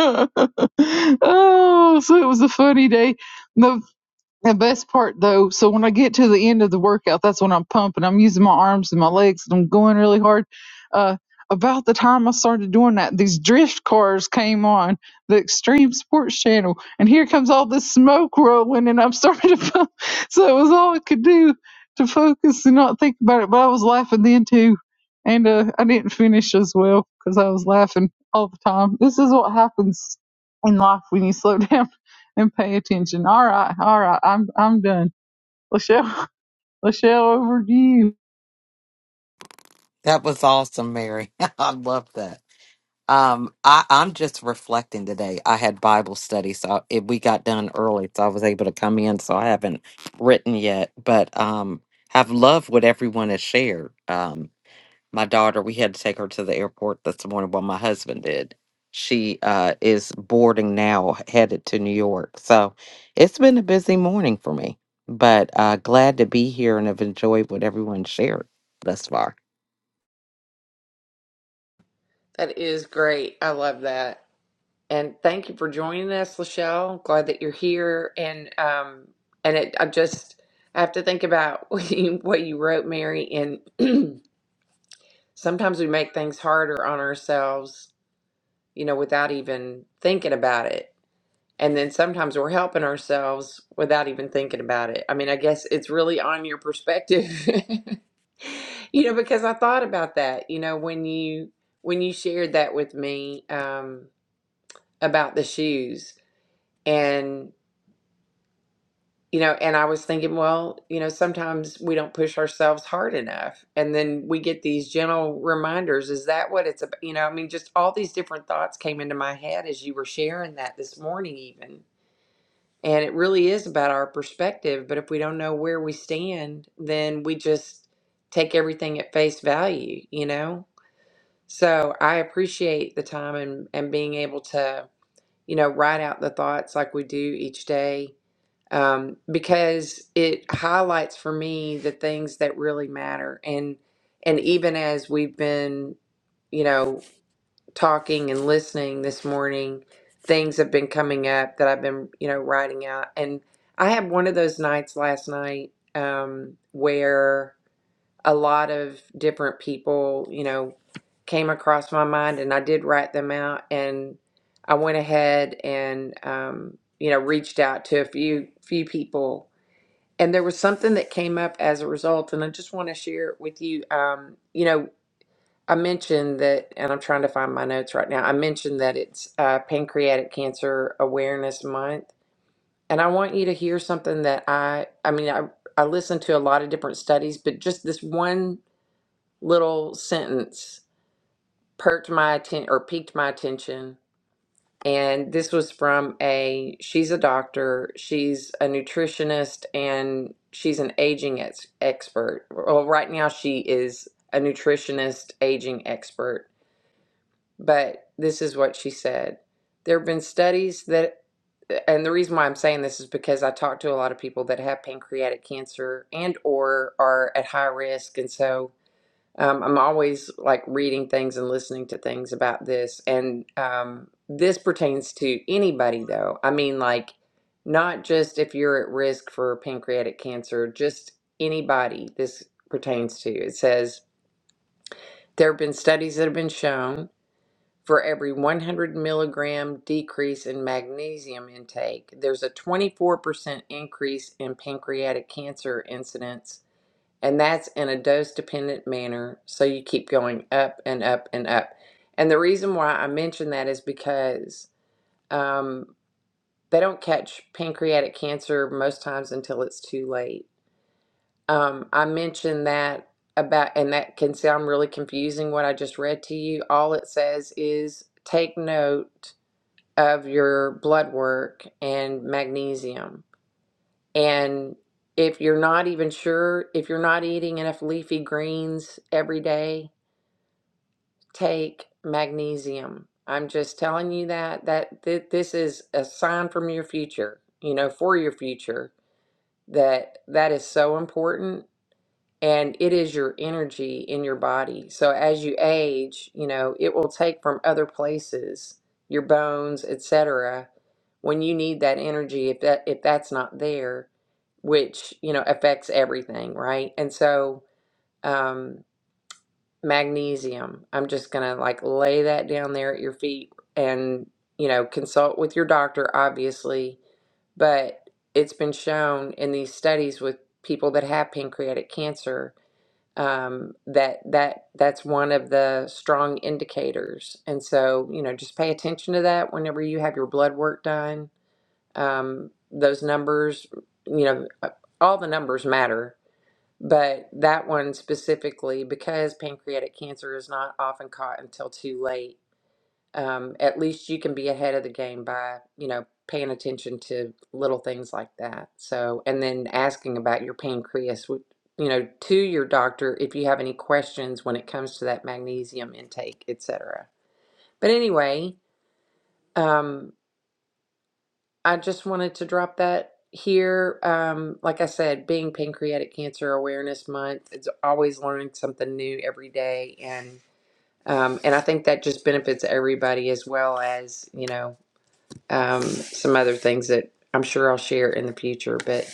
S4: oh, so it was a funny day. The the best part though, so when I get to the end of the workout, that's when I'm pumping. I'm using my arms and my legs and I'm going really hard. Uh, about the time I started doing that, these drift cars came on the Extreme Sports Channel, and here comes all this smoke rolling, and I'm starting to pump. So it was all I could do to focus and not think about it. But I was laughing then too, and uh, I didn't finish as well because I was laughing all the time. This is what happens in life when you slow down and pay attention. All right, all right, I'm I'm done. Lachelle, Lachelle, over to you.
S6: That was awesome, Mary. I love that. Um, I, I'm just reflecting today. I had Bible study, so it, we got done early, so I was able to come in. So I haven't written yet, but um, have loved what everyone has shared. Um, my daughter, we had to take her to the airport this morning. Well, my husband did. She uh, is boarding now, headed to New York. So it's been a busy morning for me, but uh, glad to be here and have enjoyed what everyone shared thus far.
S1: That is great. I love that. And thank you for joining us, Lachelle. Glad that you're here. And um, and it, I just I have to think about what you, what you wrote, Mary. And sometimes we make things harder on ourselves, you know, without even thinking about it. And then sometimes we're helping ourselves without even thinking about it. I mean, I guess it's really on your perspective, you know, because I thought about that, you know, when you when you shared that with me um, about the shoes and You know, and I was thinking, well, you know, sometimes we don't push ourselves hard enough. And then we get these gentle reminders. Is that what it's about? You know, I mean, just all these different thoughts came into my head as you were sharing that this morning, even. And it really is about our perspective. But if we don't know where we stand, then we just take everything at face value, you know? So I appreciate the time and, and being able to, you know, write out the thoughts like we do each day um, because it highlights for me the things that really matter. And and even as we've been, you know, talking and listening this morning, things have been coming up that I've been, you know, writing out. And I had one of those nights last night um, where a lot of different people, you know, came across my mind, and I did write them out and. I went ahead and um, you know reached out to a few few people and there was something that came up as a result and i just want to share it with you um, you know i mentioned that and i'm trying to find my notes right now i mentioned that it's uh, pancreatic cancer awareness month and i want you to hear something that i i mean i i listened to a lot of different studies but just this one little sentence perked my attention or piqued my attention and this was from a, she's a doctor, she's a nutritionist, and she's an aging ex- expert. Well, right now she is a nutritionist, aging expert. But this is what she said. There have been studies that, and the reason why I'm saying this is because I talk to a lot of people that have pancreatic cancer and or are at high risk. And so um, I'm always like reading things and listening to things about this, and um, this pertains to anybody, though. I mean, like, not just if you're at risk for pancreatic cancer, just anybody this pertains to. It says there have been studies that have been shown for every 100 milligram decrease in magnesium intake, there's a 24% increase in pancreatic cancer incidence and that's in a dose dependent manner. So you keep going up and up and up. And the reason why I mention that is because um, they don't catch pancreatic cancer most times until it's too late. Um, I mentioned that about, and that can sound really confusing what I just read to you. All it says is take note of your blood work and magnesium and if you're not even sure, if you're not eating enough leafy greens every day, take magnesium. I'm just telling you that that th- this is a sign from your future, you know, for your future that that is so important and it is your energy in your body. So as you age, you know, it will take from other places, your bones, etc. When you need that energy, if that if that's not there, which you know affects everything, right? And so um, magnesium, I'm just gonna like lay that down there at your feet, and you know consult with your doctor, obviously but it's been shown in these studies with people that have pancreatic cancer um, that that that's one of the strong indicators. And so, you know, just pay attention to that whenever you have your blood work done. Um, those numbers, you know, uh, all the numbers matter, but that one specifically because pancreatic cancer is not often caught until too late um, at least you can be ahead of the game by, you know, paying attention to little things like that. So, and then asking about your pancreas, wh- you know, to your doctor if you have any questions when it comes to that magnesium intake, etc. But anyway, um, I just wanted to drop that here. Um, like I said, being Pancreatic Cancer Awareness Month, it's always learning something new every day, and um, and I think that just benefits everybody as well as you know um, some other things that I'm sure I'll share in the future. But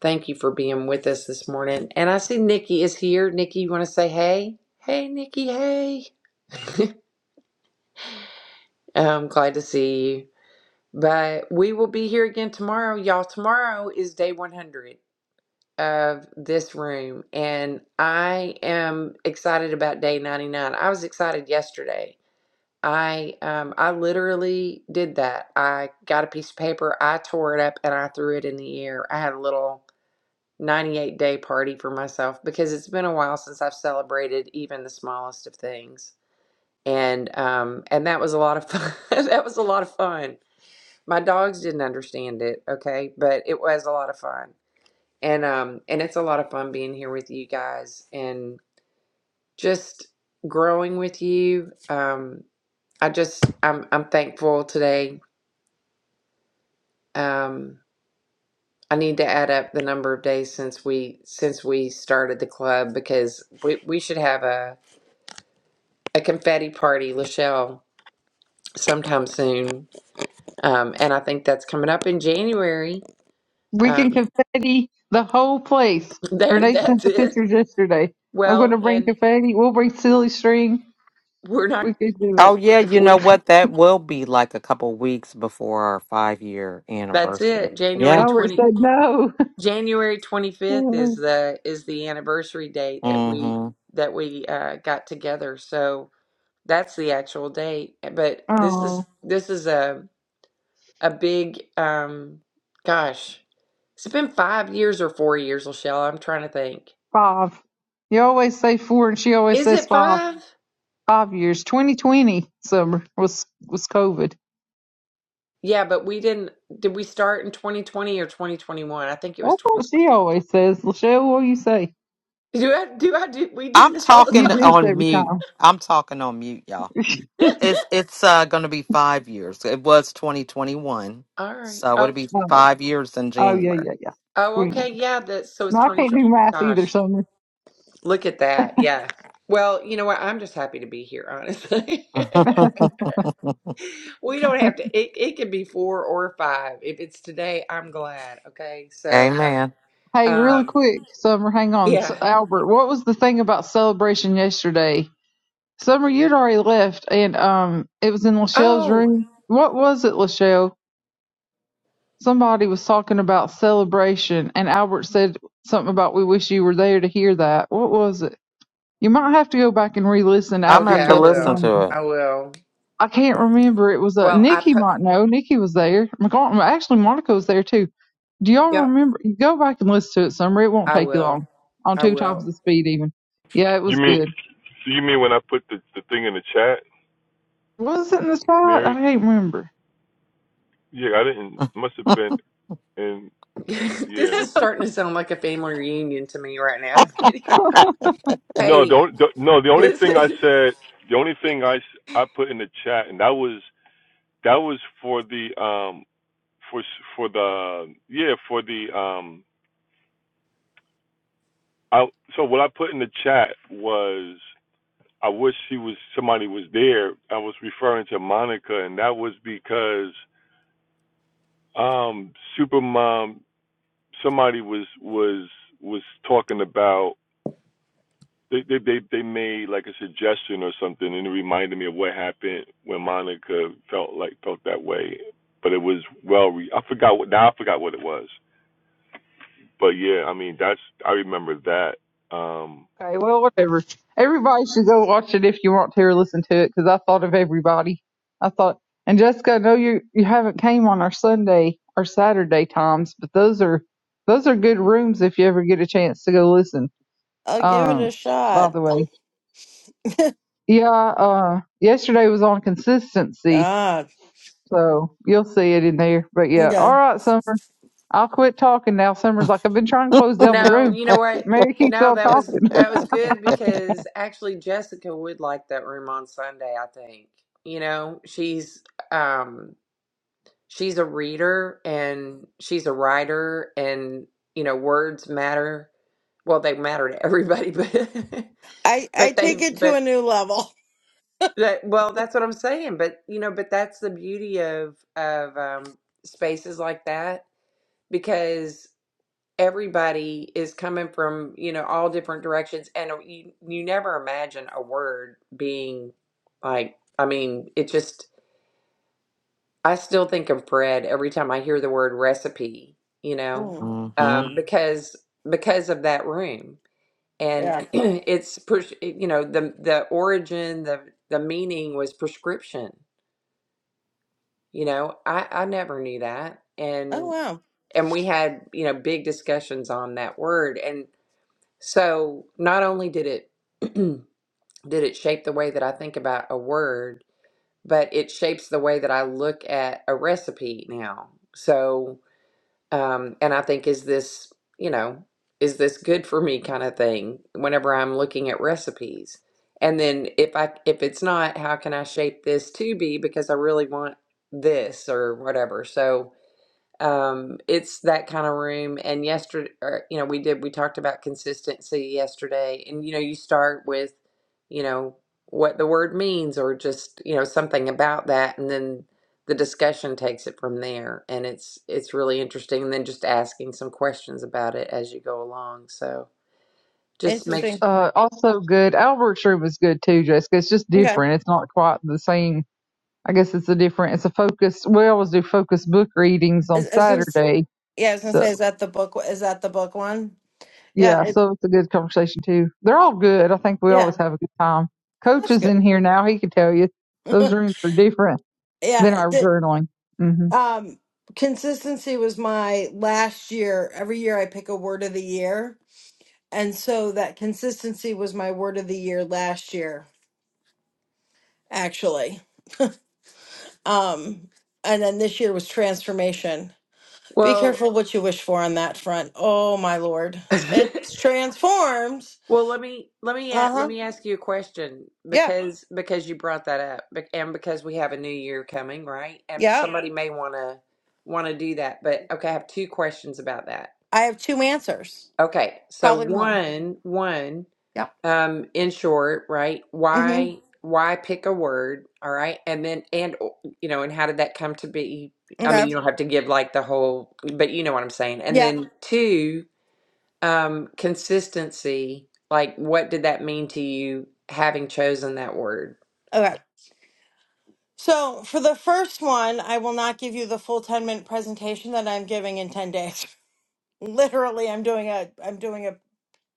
S1: thank you for being with us this morning. And I see Nikki is here. Nikki, you want to say hey? Hey, Nikki, hey. I'm glad to see you. But we will be here again tomorrow. Y'all, tomorrow is day 100 of this room. And I am excited about day 99. I was excited yesterday I um I literally did that. I got a piece of paper, I tore it up and I threw it in the air. I had a little 98 day party for myself because it's been a while since I've celebrated even the smallest of things. And um and that was a lot of fun. that was a lot of fun. My dogs didn't understand it, okay? But it was a lot of fun. And um and it's a lot of fun being here with you guys and just growing with you. Um I just I'm I'm thankful today Um, I need to add up the number of days since we since we started the club because we, we should have a, a confetti party, Lachelle, sometime soon. Um, and I think that's coming up in January.
S4: We
S1: Um,
S4: can confetti the whole place.
S1: there,
S4: Renee sent
S1: that's
S4: the
S1: it.
S4: pictures yesterday. I'm going to
S1: Well,
S4: bring
S1: and
S4: confetti. We'll bring silly string.
S1: we're not
S4: We could do it.
S6: Oh yeah, you know
S1: we.
S6: what? That will be like a couple weeks before our five year
S1: That's
S6: anniversary.
S1: it. January
S6: Yeah.
S4: Albert
S1: twenty
S4: said no.
S1: January twenty fifth is the is the anniversary date that we
S6: hmm
S1: that we uh, got together. So. That's the actual date. eh, But this
S4: oh,
S1: is this is a a big um gosh. It's been five years or four years, Michelle. I'm trying to think.
S4: five. You always say four, and she always
S1: Is
S4: says
S1: it
S4: five.
S1: five?
S4: Five years. 2020 summer was was COVID.
S1: Yeah, but we didn't did we start in 2020 or 2021? I think it was
S4: That's what
S1: 2020.
S4: she always says. Lachelle, what do you say?
S1: Do I do I do we do
S6: I'm
S1: this all the
S6: talking
S4: You do
S1: time?
S4: this
S6: on
S4: every
S6: mute.
S4: time.
S6: I'm talking on mute, y'all. It's it's uh, going to be five years. It was 2021,
S1: All right.
S6: so it'll
S1: Oh
S6: be
S1: t-
S4: No.
S6: five years in
S4: Oh yeah,
S6: January.
S4: yeah, yeah.
S1: oh
S4: Twenty-one.
S1: okay, yeah, that so it's
S4: No, I can't
S1: 2020.
S4: do math either,
S1: Gosh,
S4: Summer.
S1: look at that. Yeah. Well, you know what? I'm just happy to be here, honestly. We don't have to. It it can be four or five. If it's today, I'm glad. Okay, so
S6: Amen.
S4: Hey, really
S1: um,
S4: quick, Summer, hang on. S-
S1: yeah.
S4: Albert, what was the thing about celebration yesterday? Summer, you'd already left, and um, it was in Lachelle's
S1: Oh,
S4: room. What was it, Lachelle? Somebody was talking about celebration, and Albert said something about we wish you were there to hear that. What was it? You might have to go back and re-listen
S6: I'm gonna
S4: after
S1: okay.
S6: have
S4: you
S6: to
S1: I
S4: left the
S6: listen
S1: will.
S6: to
S4: room.
S6: it.
S1: I will.
S4: I can't remember. It was a
S1: Well, I
S4: Nikki
S1: put.
S4: might know. Nikki was there. McCart- actually, Monica was there too. Do y'all
S1: Yep.
S4: remember? You go back and listen to it, Summer. It won't
S1: I
S4: take you
S1: will.
S4: long. On
S1: I
S4: two times
S1: will.
S4: the speed, even. Yeah, it
S2: You
S4: was
S2: mean
S4: good.
S2: so you mean when I put the the thing in the chat,
S4: Was it in the spot? I
S2: Mary?
S4: can't remember.
S2: Yeah, I didn't. Must have been in.
S1: this
S2: Yeah.
S1: is starting to sound like a family reunion to me right now.
S2: No,
S1: hey,
S2: don't, don't. No, the only thing I
S1: listen.
S2: said, the only thing I s- I put in the chat, and that was that was for the um for s- for the yeah for the um I so what I put in the chat was I wish she was somebody was there. I was referring to Monica, and that was because um Supermom somebody was was was talking about they they they, they made like a suggestion or something, and it reminded me of what happened when Monica felt like felt that way. But it was well, re- I forgot what now I forgot what it was. But yeah, I mean that's I remember that. Um,
S4: Okay, well, whatever. Everybody should go watch it if you want to or listen to it because I thought of everybody. I thought, and Jessica, I know you you haven't came on our Sunday or Saturday times, but those are those are good rooms if you ever get a chance to go listen.
S5: I'll give it a
S4: Um, by
S5: shot.
S4: the way. Yeah, uh, yesterday was on consistency,
S5: Ah,
S4: so you'll see it in there. But yeah,
S5: okay.
S4: all right, Summer. I'll quit talking now. Summer's like, I've been trying to close down the
S1: No,
S4: room.
S1: you know what?
S4: Mary keeps
S1: No,
S4: on
S1: that was
S4: talking.
S1: that was good because actually Jessica would like that room on Sunday. I think. You know, she's um she's a reader and she's a writer and you know words matter well they matter to everybody but
S5: I I
S1: but they
S5: take it to a
S1: but
S5: new level.
S1: that well that's what i'm saying but you know but that's the beauty of of um spaces like that because everybody is coming from you know all different directions and uh, you you never imagine a word being like i mean it just I still think of bread every time I hear the word recipe, you know,
S5: Mm,
S6: hmm
S1: um, because because of that room. And
S5: yeah.
S1: it's pres- you know the the origin the the meaning was prescription. You know, I I never knew that,
S5: Oh
S1: and
S5: wow.
S1: and we had you know big discussions on that word, and so not only did it did it shape the way that I think about a word, but it shapes the way that I look at a recipe now. So um, and I think is this you know is this good for me kind of thing whenever I'm looking at recipes and then if I if it's not how can I shape this to be because I really want this or whatever so um, it's that kind of room. And yesterday, or, you know, we did, we talked about consistency yesterday. And, you know, you start with, you know, what the word means or just, you know, something about that. And then the discussion takes it from there. And it's, it's really interesting. And then just asking some questions about it as you go along. So just make
S4: It's
S1: sure,
S5: Interesting.
S4: uh also good. Albert's room is good too, Jessica. It's just
S5: Okay.
S4: different. It's not quite the same. I guess it's a different. It's a focus. We always do focus book readings on
S5: Is, is this,
S4: Saturday,
S5: yeah, I was gonna
S4: so
S5: say, is that the book? Is that the book one? Yeah.
S4: yeah.
S5: It,
S4: So it's a good conversation too. They're all good. I think we
S5: yeah.
S4: always have a good time. Coach
S5: That's
S4: is
S5: good.
S4: in here now. He can tell you those rooms are different. than
S5: yeah.
S4: our
S5: The,
S4: journaling. hmm
S5: um, consistency was my last year. Every year I pick a word of the year, and so that consistency was my word of the year last year, actually. Um, and then this year was transformation Be
S1: well,
S5: careful what you wish for on that front. Oh my lord. It transforms.
S1: Well, let me let me a- let
S5: Uh-huh.
S1: me ask you a question
S5: Yeah.
S1: because because you brought that up bec- and because we have a new year coming, right? And
S5: Yeah.
S1: somebody may want to want to do that. But okay, I have two questions about that.
S5: I have two answers.
S1: Okay. So
S5: Probably more.
S1: one one
S5: Yep.
S1: um in short, right?
S5: Mm-hmm.
S1: Why why pick a word, all right? And then and you know, and how did that come to be? I
S5: Okay.
S1: mean, you don't have to give like the whole, but you know what I'm saying. And
S5: Yep.
S1: then two um consistency like what did that mean to you having chosen that word
S5: Okay. So for the first one, I will not give you the full 10 minute presentation that I'm giving in 10 days. Literally, I'm doing a I'm doing a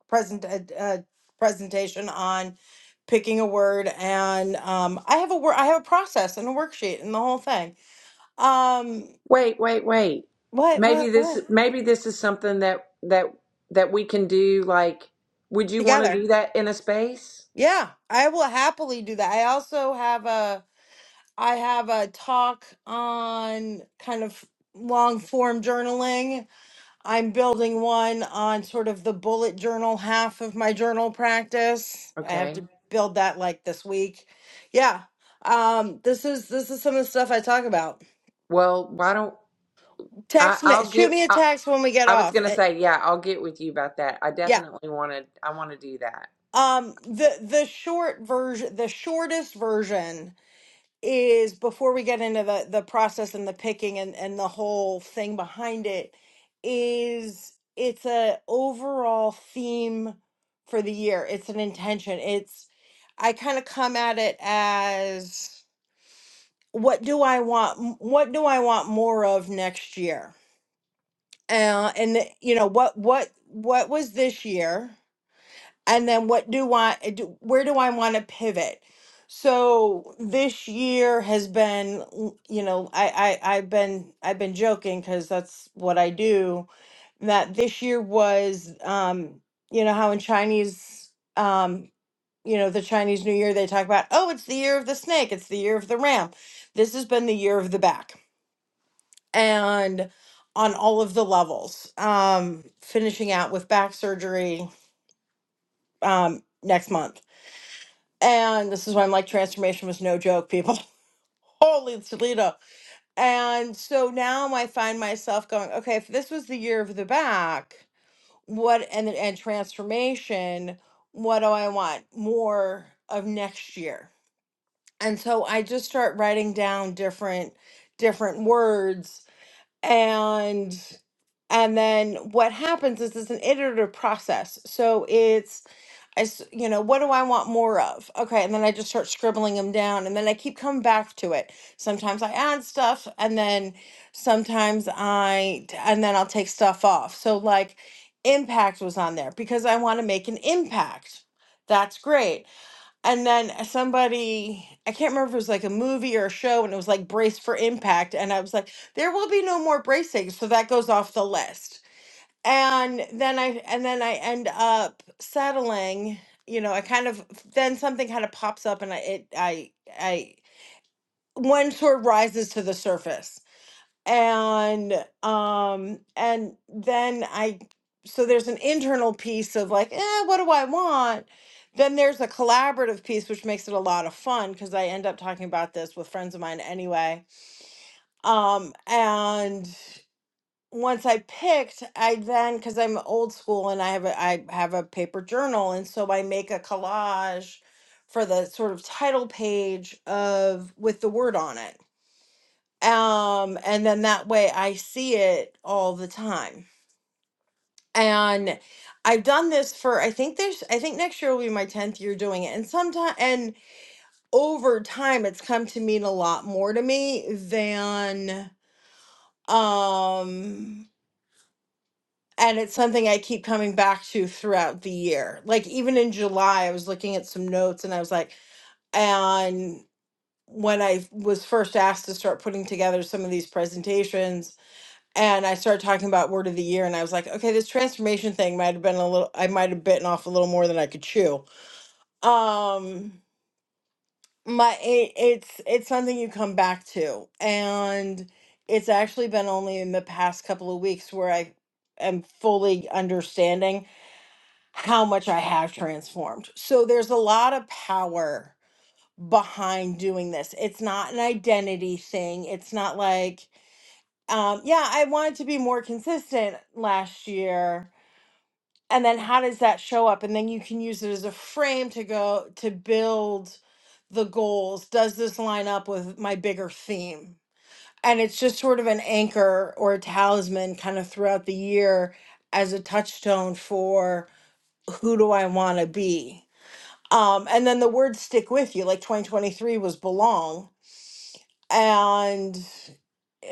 S5: present a, a presentation on picking a word and um I have a word I have a process and a worksheet and the whole thing. Um
S1: wait wait wait
S5: what
S1: maybe
S5: what what
S1: this maybe this is something that that that we can do like would you want to
S5: together.
S1: do that in a space
S5: Yeah, I will happily do that. I also have a I have a talk on kind of long form journaling. I'm building one on sort of the bullet journal half of my journal practice. I have
S1: okay
S5: to build that like this week. Yeah. Um this is this is some of the stuff I talk about.
S1: well why don't i
S5: Text me
S1: i'll
S5: shoot
S1: get
S5: me a
S1: i,
S5: text when we get
S1: I was
S5: off.
S1: gonna
S5: Uh,
S1: say yeah i'll get with you about that i
S5: Yeah.
S1: definitely want to i want to do that
S5: Um the the short version the shortest version is before we get into the the process and the picking and and the whole thing behind it is it's a overall theme for the year it's an intention it's i kind of come at it as what do i want what do i want more of next year uh, and the- you know what what what was this year and then what do I eh, do, where do I want to pivot? So this year has been, l- you know, I, I I've been I've been joking because that's what I do. That this year was, um, you know, how in Chinese, um, you know, the Chinese New Year they talk about, oh, it's the year of the snake, it's the year of the ram. This has been the year of the back, and on all of the levels. Um, finishing out with back surgery um, next month And this is why I'm like, transformation was no joke, people. Holy Toledo. And so now I find myself going, okay, if this was the year of the back, what and and transformation, what do I want more of next year? And so I just start writing down different different words and and then what happens is it's an iterative process. So it's. I, s- you know, what do I want more of? Okay. And then I just start scribbling them down. And then I keep coming back to it. Sometimes I add stuff and then sometimes I, t- and then I'll take stuff off. So, like, impact was on there because I want to make an impact. That's great. And then somebody, I can't remember if it was like a movie or a show, and it was like Brace for Impact. And I was like, there will be no more bracing. So that goes off the list and then I and then I end up settling. You know, I kind of then something kind of pops up, and I it I I one sort of rises to the surface, and um and then I so there's an internal piece of like, eh, what do I want? Then there's a collaborative piece, which makes it a lot of fun because I end up talking about this with friends of mine anyway. Um, and once I picked, I then because I'm old school and I have a I have a paper journal, and so I make a collage for the sort of title page of with the word on it. Um, and then that way I see it all the time. And I've done this for I think there's I think next year will be my 10th year doing it. And sometime and over time it's come to mean a lot more to me than um and it's something I keep coming back to throughout the year. Like even in July, I was looking at some notes and I was like, and when I was first asked to start putting together some of these presentations, and I started talking about word of the year, and I was like, okay, this transformation thing might have been a little, I might have bitten off a little more than I could chew. Um, my it, it's it's something you come back to, and it's actually been only in the past couple of weeks where I am fully understanding how much I have transformed. So there's a lot of power behind doing this. It's not an identity thing. It's not like, um, yeah, I wanted to be more consistent last year. And then how does that show up? And then you can use it as a frame to go to build the goals. Does this line up with my bigger theme? And it's just sort of an anchor or a talisman kind of throughout the year as a touchstone for who do I want to be? Um, and then the words stick with you, like 2023 was belong. And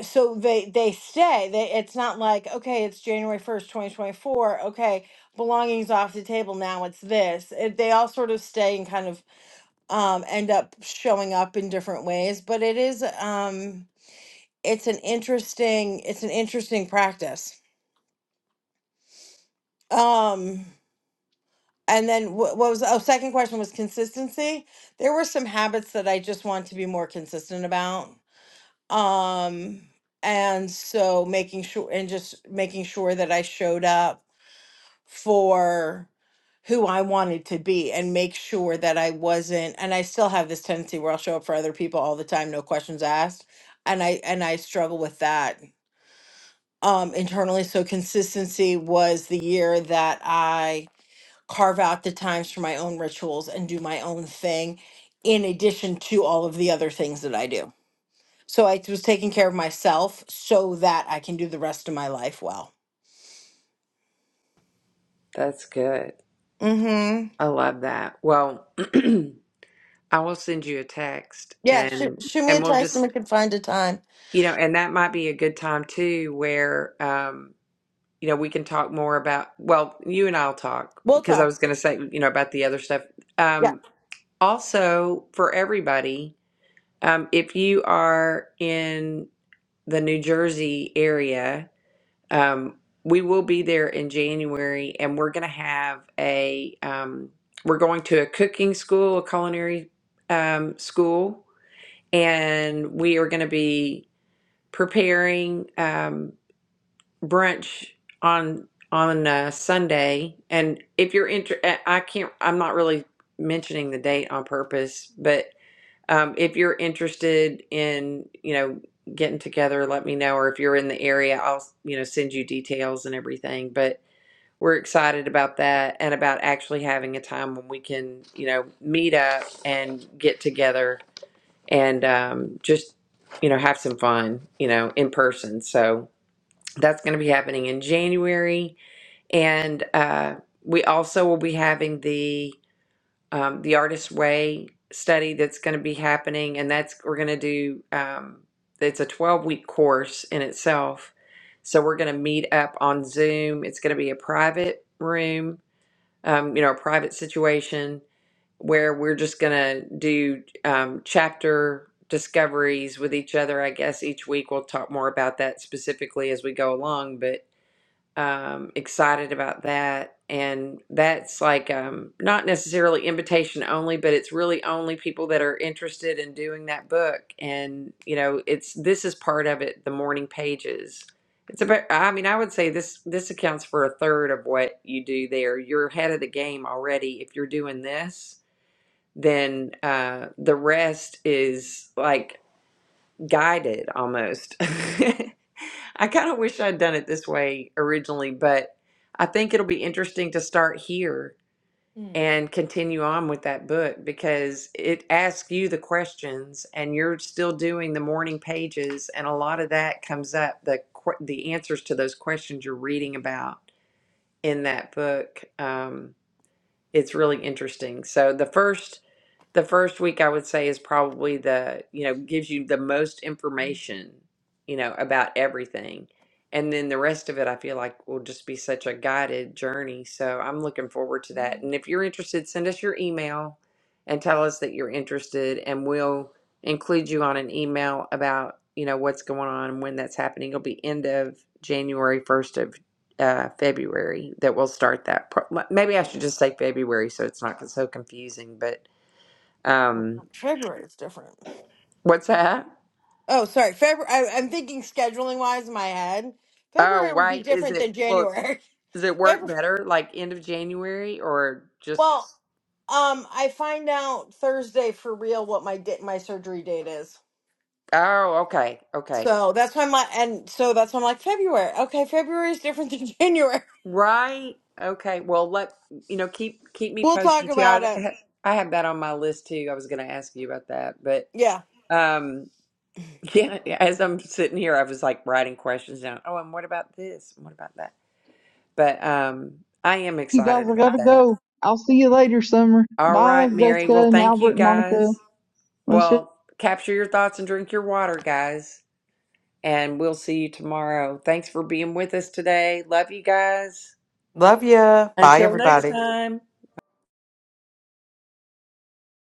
S5: so they they stay. They it's not like, okay, it's January 1st, 2024. Okay, belonging's off the table now, it's this. It, they all sort of stay and kind of um end up showing up in different ways, but it is um it's an interesting it's an interesting practice. Um and then wh- what was oh second question was consistency. There were some habits that I just want to be more consistent about um and so making sure and just making sure that I showed up for who I wanted to be and make sure that I wasn't and I still have this tendency where I'll show up for other people all the time no questions asked and I and I struggle with that um internally so consistency was the year that I carve out the times for my own rituals and do my own thing in addition to all of the other things that I do so I was taking care of myself so that I can do the rest of my life well.
S1: that's good
S5: Mm-hmm.
S1: i love that well i will send you a text
S5: Yeah, shoot,
S1: and
S5: shoot me
S1: and
S5: a
S1: we'll
S5: text
S1: just
S5: and we can find a time.
S1: You know, and that might be a good time too where um, you know, we can talk more about well, you and I'll talk
S5: We'll
S1: because I
S5: talk.
S1: was going to say, you know, about the other stuff.
S5: Yeah.
S1: Um also for everybody, um if you are in the New Jersey area, um we will be there in January and we're going to have a um we're going to a cooking school, a culinary um school and we are going to be preparing. Um, brunch on on uh, Sunday, and if you're inter, eh, I can't. I'm not really mentioning the date on purpose, but um, if you're interested in you know getting together, let me know. Or if you're in the area, I'll you know send you details and everything. But we're excited about that and about actually having a time when we can you know meet up and get together and um, just you know have some fun you know in person. So that's going to be happening in January, and uh, we also will be having the um, the Artist Way study that's going to be happening, and that's we're going to do. Um, it's a twelve week course in itself, so we're going to meet up on Zoom. It's going to be a private room, um, you know, a private situation where we're just going to do um, chapter discoveries with each other. I guess each week we'll talk more about that specifically as we go along, but um, excited about that. And that's like um, not necessarily invitation only, but it's really only people that are interested in doing that book. And you know, it's this is part of it. The morning pages. It's about. I mean, I would say this this accounts for a third of what you do there. You're ahead of the game already if you're doing this. Then uh, the rest is like guided almost. I kind of wish I'd done it this way originally, but I think it'll be interesting to start here
S5: Mm.
S1: and continue on with that book because it asks you the questions and you're still doing the morning pages and a lot of that comes up the que- the answers to those questions you're reading about in that book um, it's really interesting so the first the first week I would say is probably the, you know, gives you the most information, you know, about everything. And then the rest of it, I feel like will just be such a guided journey. So I'm looking forward to that. And if you're interested, send us your email and tell us that you're interested, and we'll include you on an email about, you know, what's going on and when that's happening. It'll be end of January, first of uh, February that we'll start that. Pro- Maybe I should just say February so it's not so confusing, but um,
S5: February is different.
S1: what's that?
S5: Oh, sorry. February. I, I'm thinking scheduling wise in my head.
S1: Oh,
S5: February would be
S1: why is
S5: different
S1: it?
S5: than
S1: Well,
S5: January.
S1: does it work
S5: February.
S1: better like end of January or
S5: Well,
S1: just?
S5: um, I find out Thursday for real what my di- my surgery date is.
S1: Oh, okay, okay,
S5: So that's why my and so that's why I'm like February. Okay, February is different than January.
S1: right, okay. Well, let you know. Keep keep me
S5: We'll talk
S1: posted too.
S5: about
S1: I
S5: it.
S1: ha- I have that on my list too. I was going to ask you about that, but
S5: Yeah.
S1: um, yeah. yeah, As I'm sitting here, I was like writing questions down. Oh, and what about this? What about that? But um, I am
S4: You guys,
S1: excited
S4: I
S1: about
S4: gotta
S1: that.
S4: go. I'll see you later, Summer.
S1: All
S4: Bye,
S1: right, Mary.
S4: Jessica
S1: Well,
S4: and
S1: thank you
S4: Albert and Monica.
S1: guys.
S4: Let's
S1: Well, capture your thoughts and drink your water, guys. And we'll see you tomorrow. Thanks for being with us today. Love you guys.
S6: Love ya. Bye,
S1: Until next
S6: everybody.
S1: time.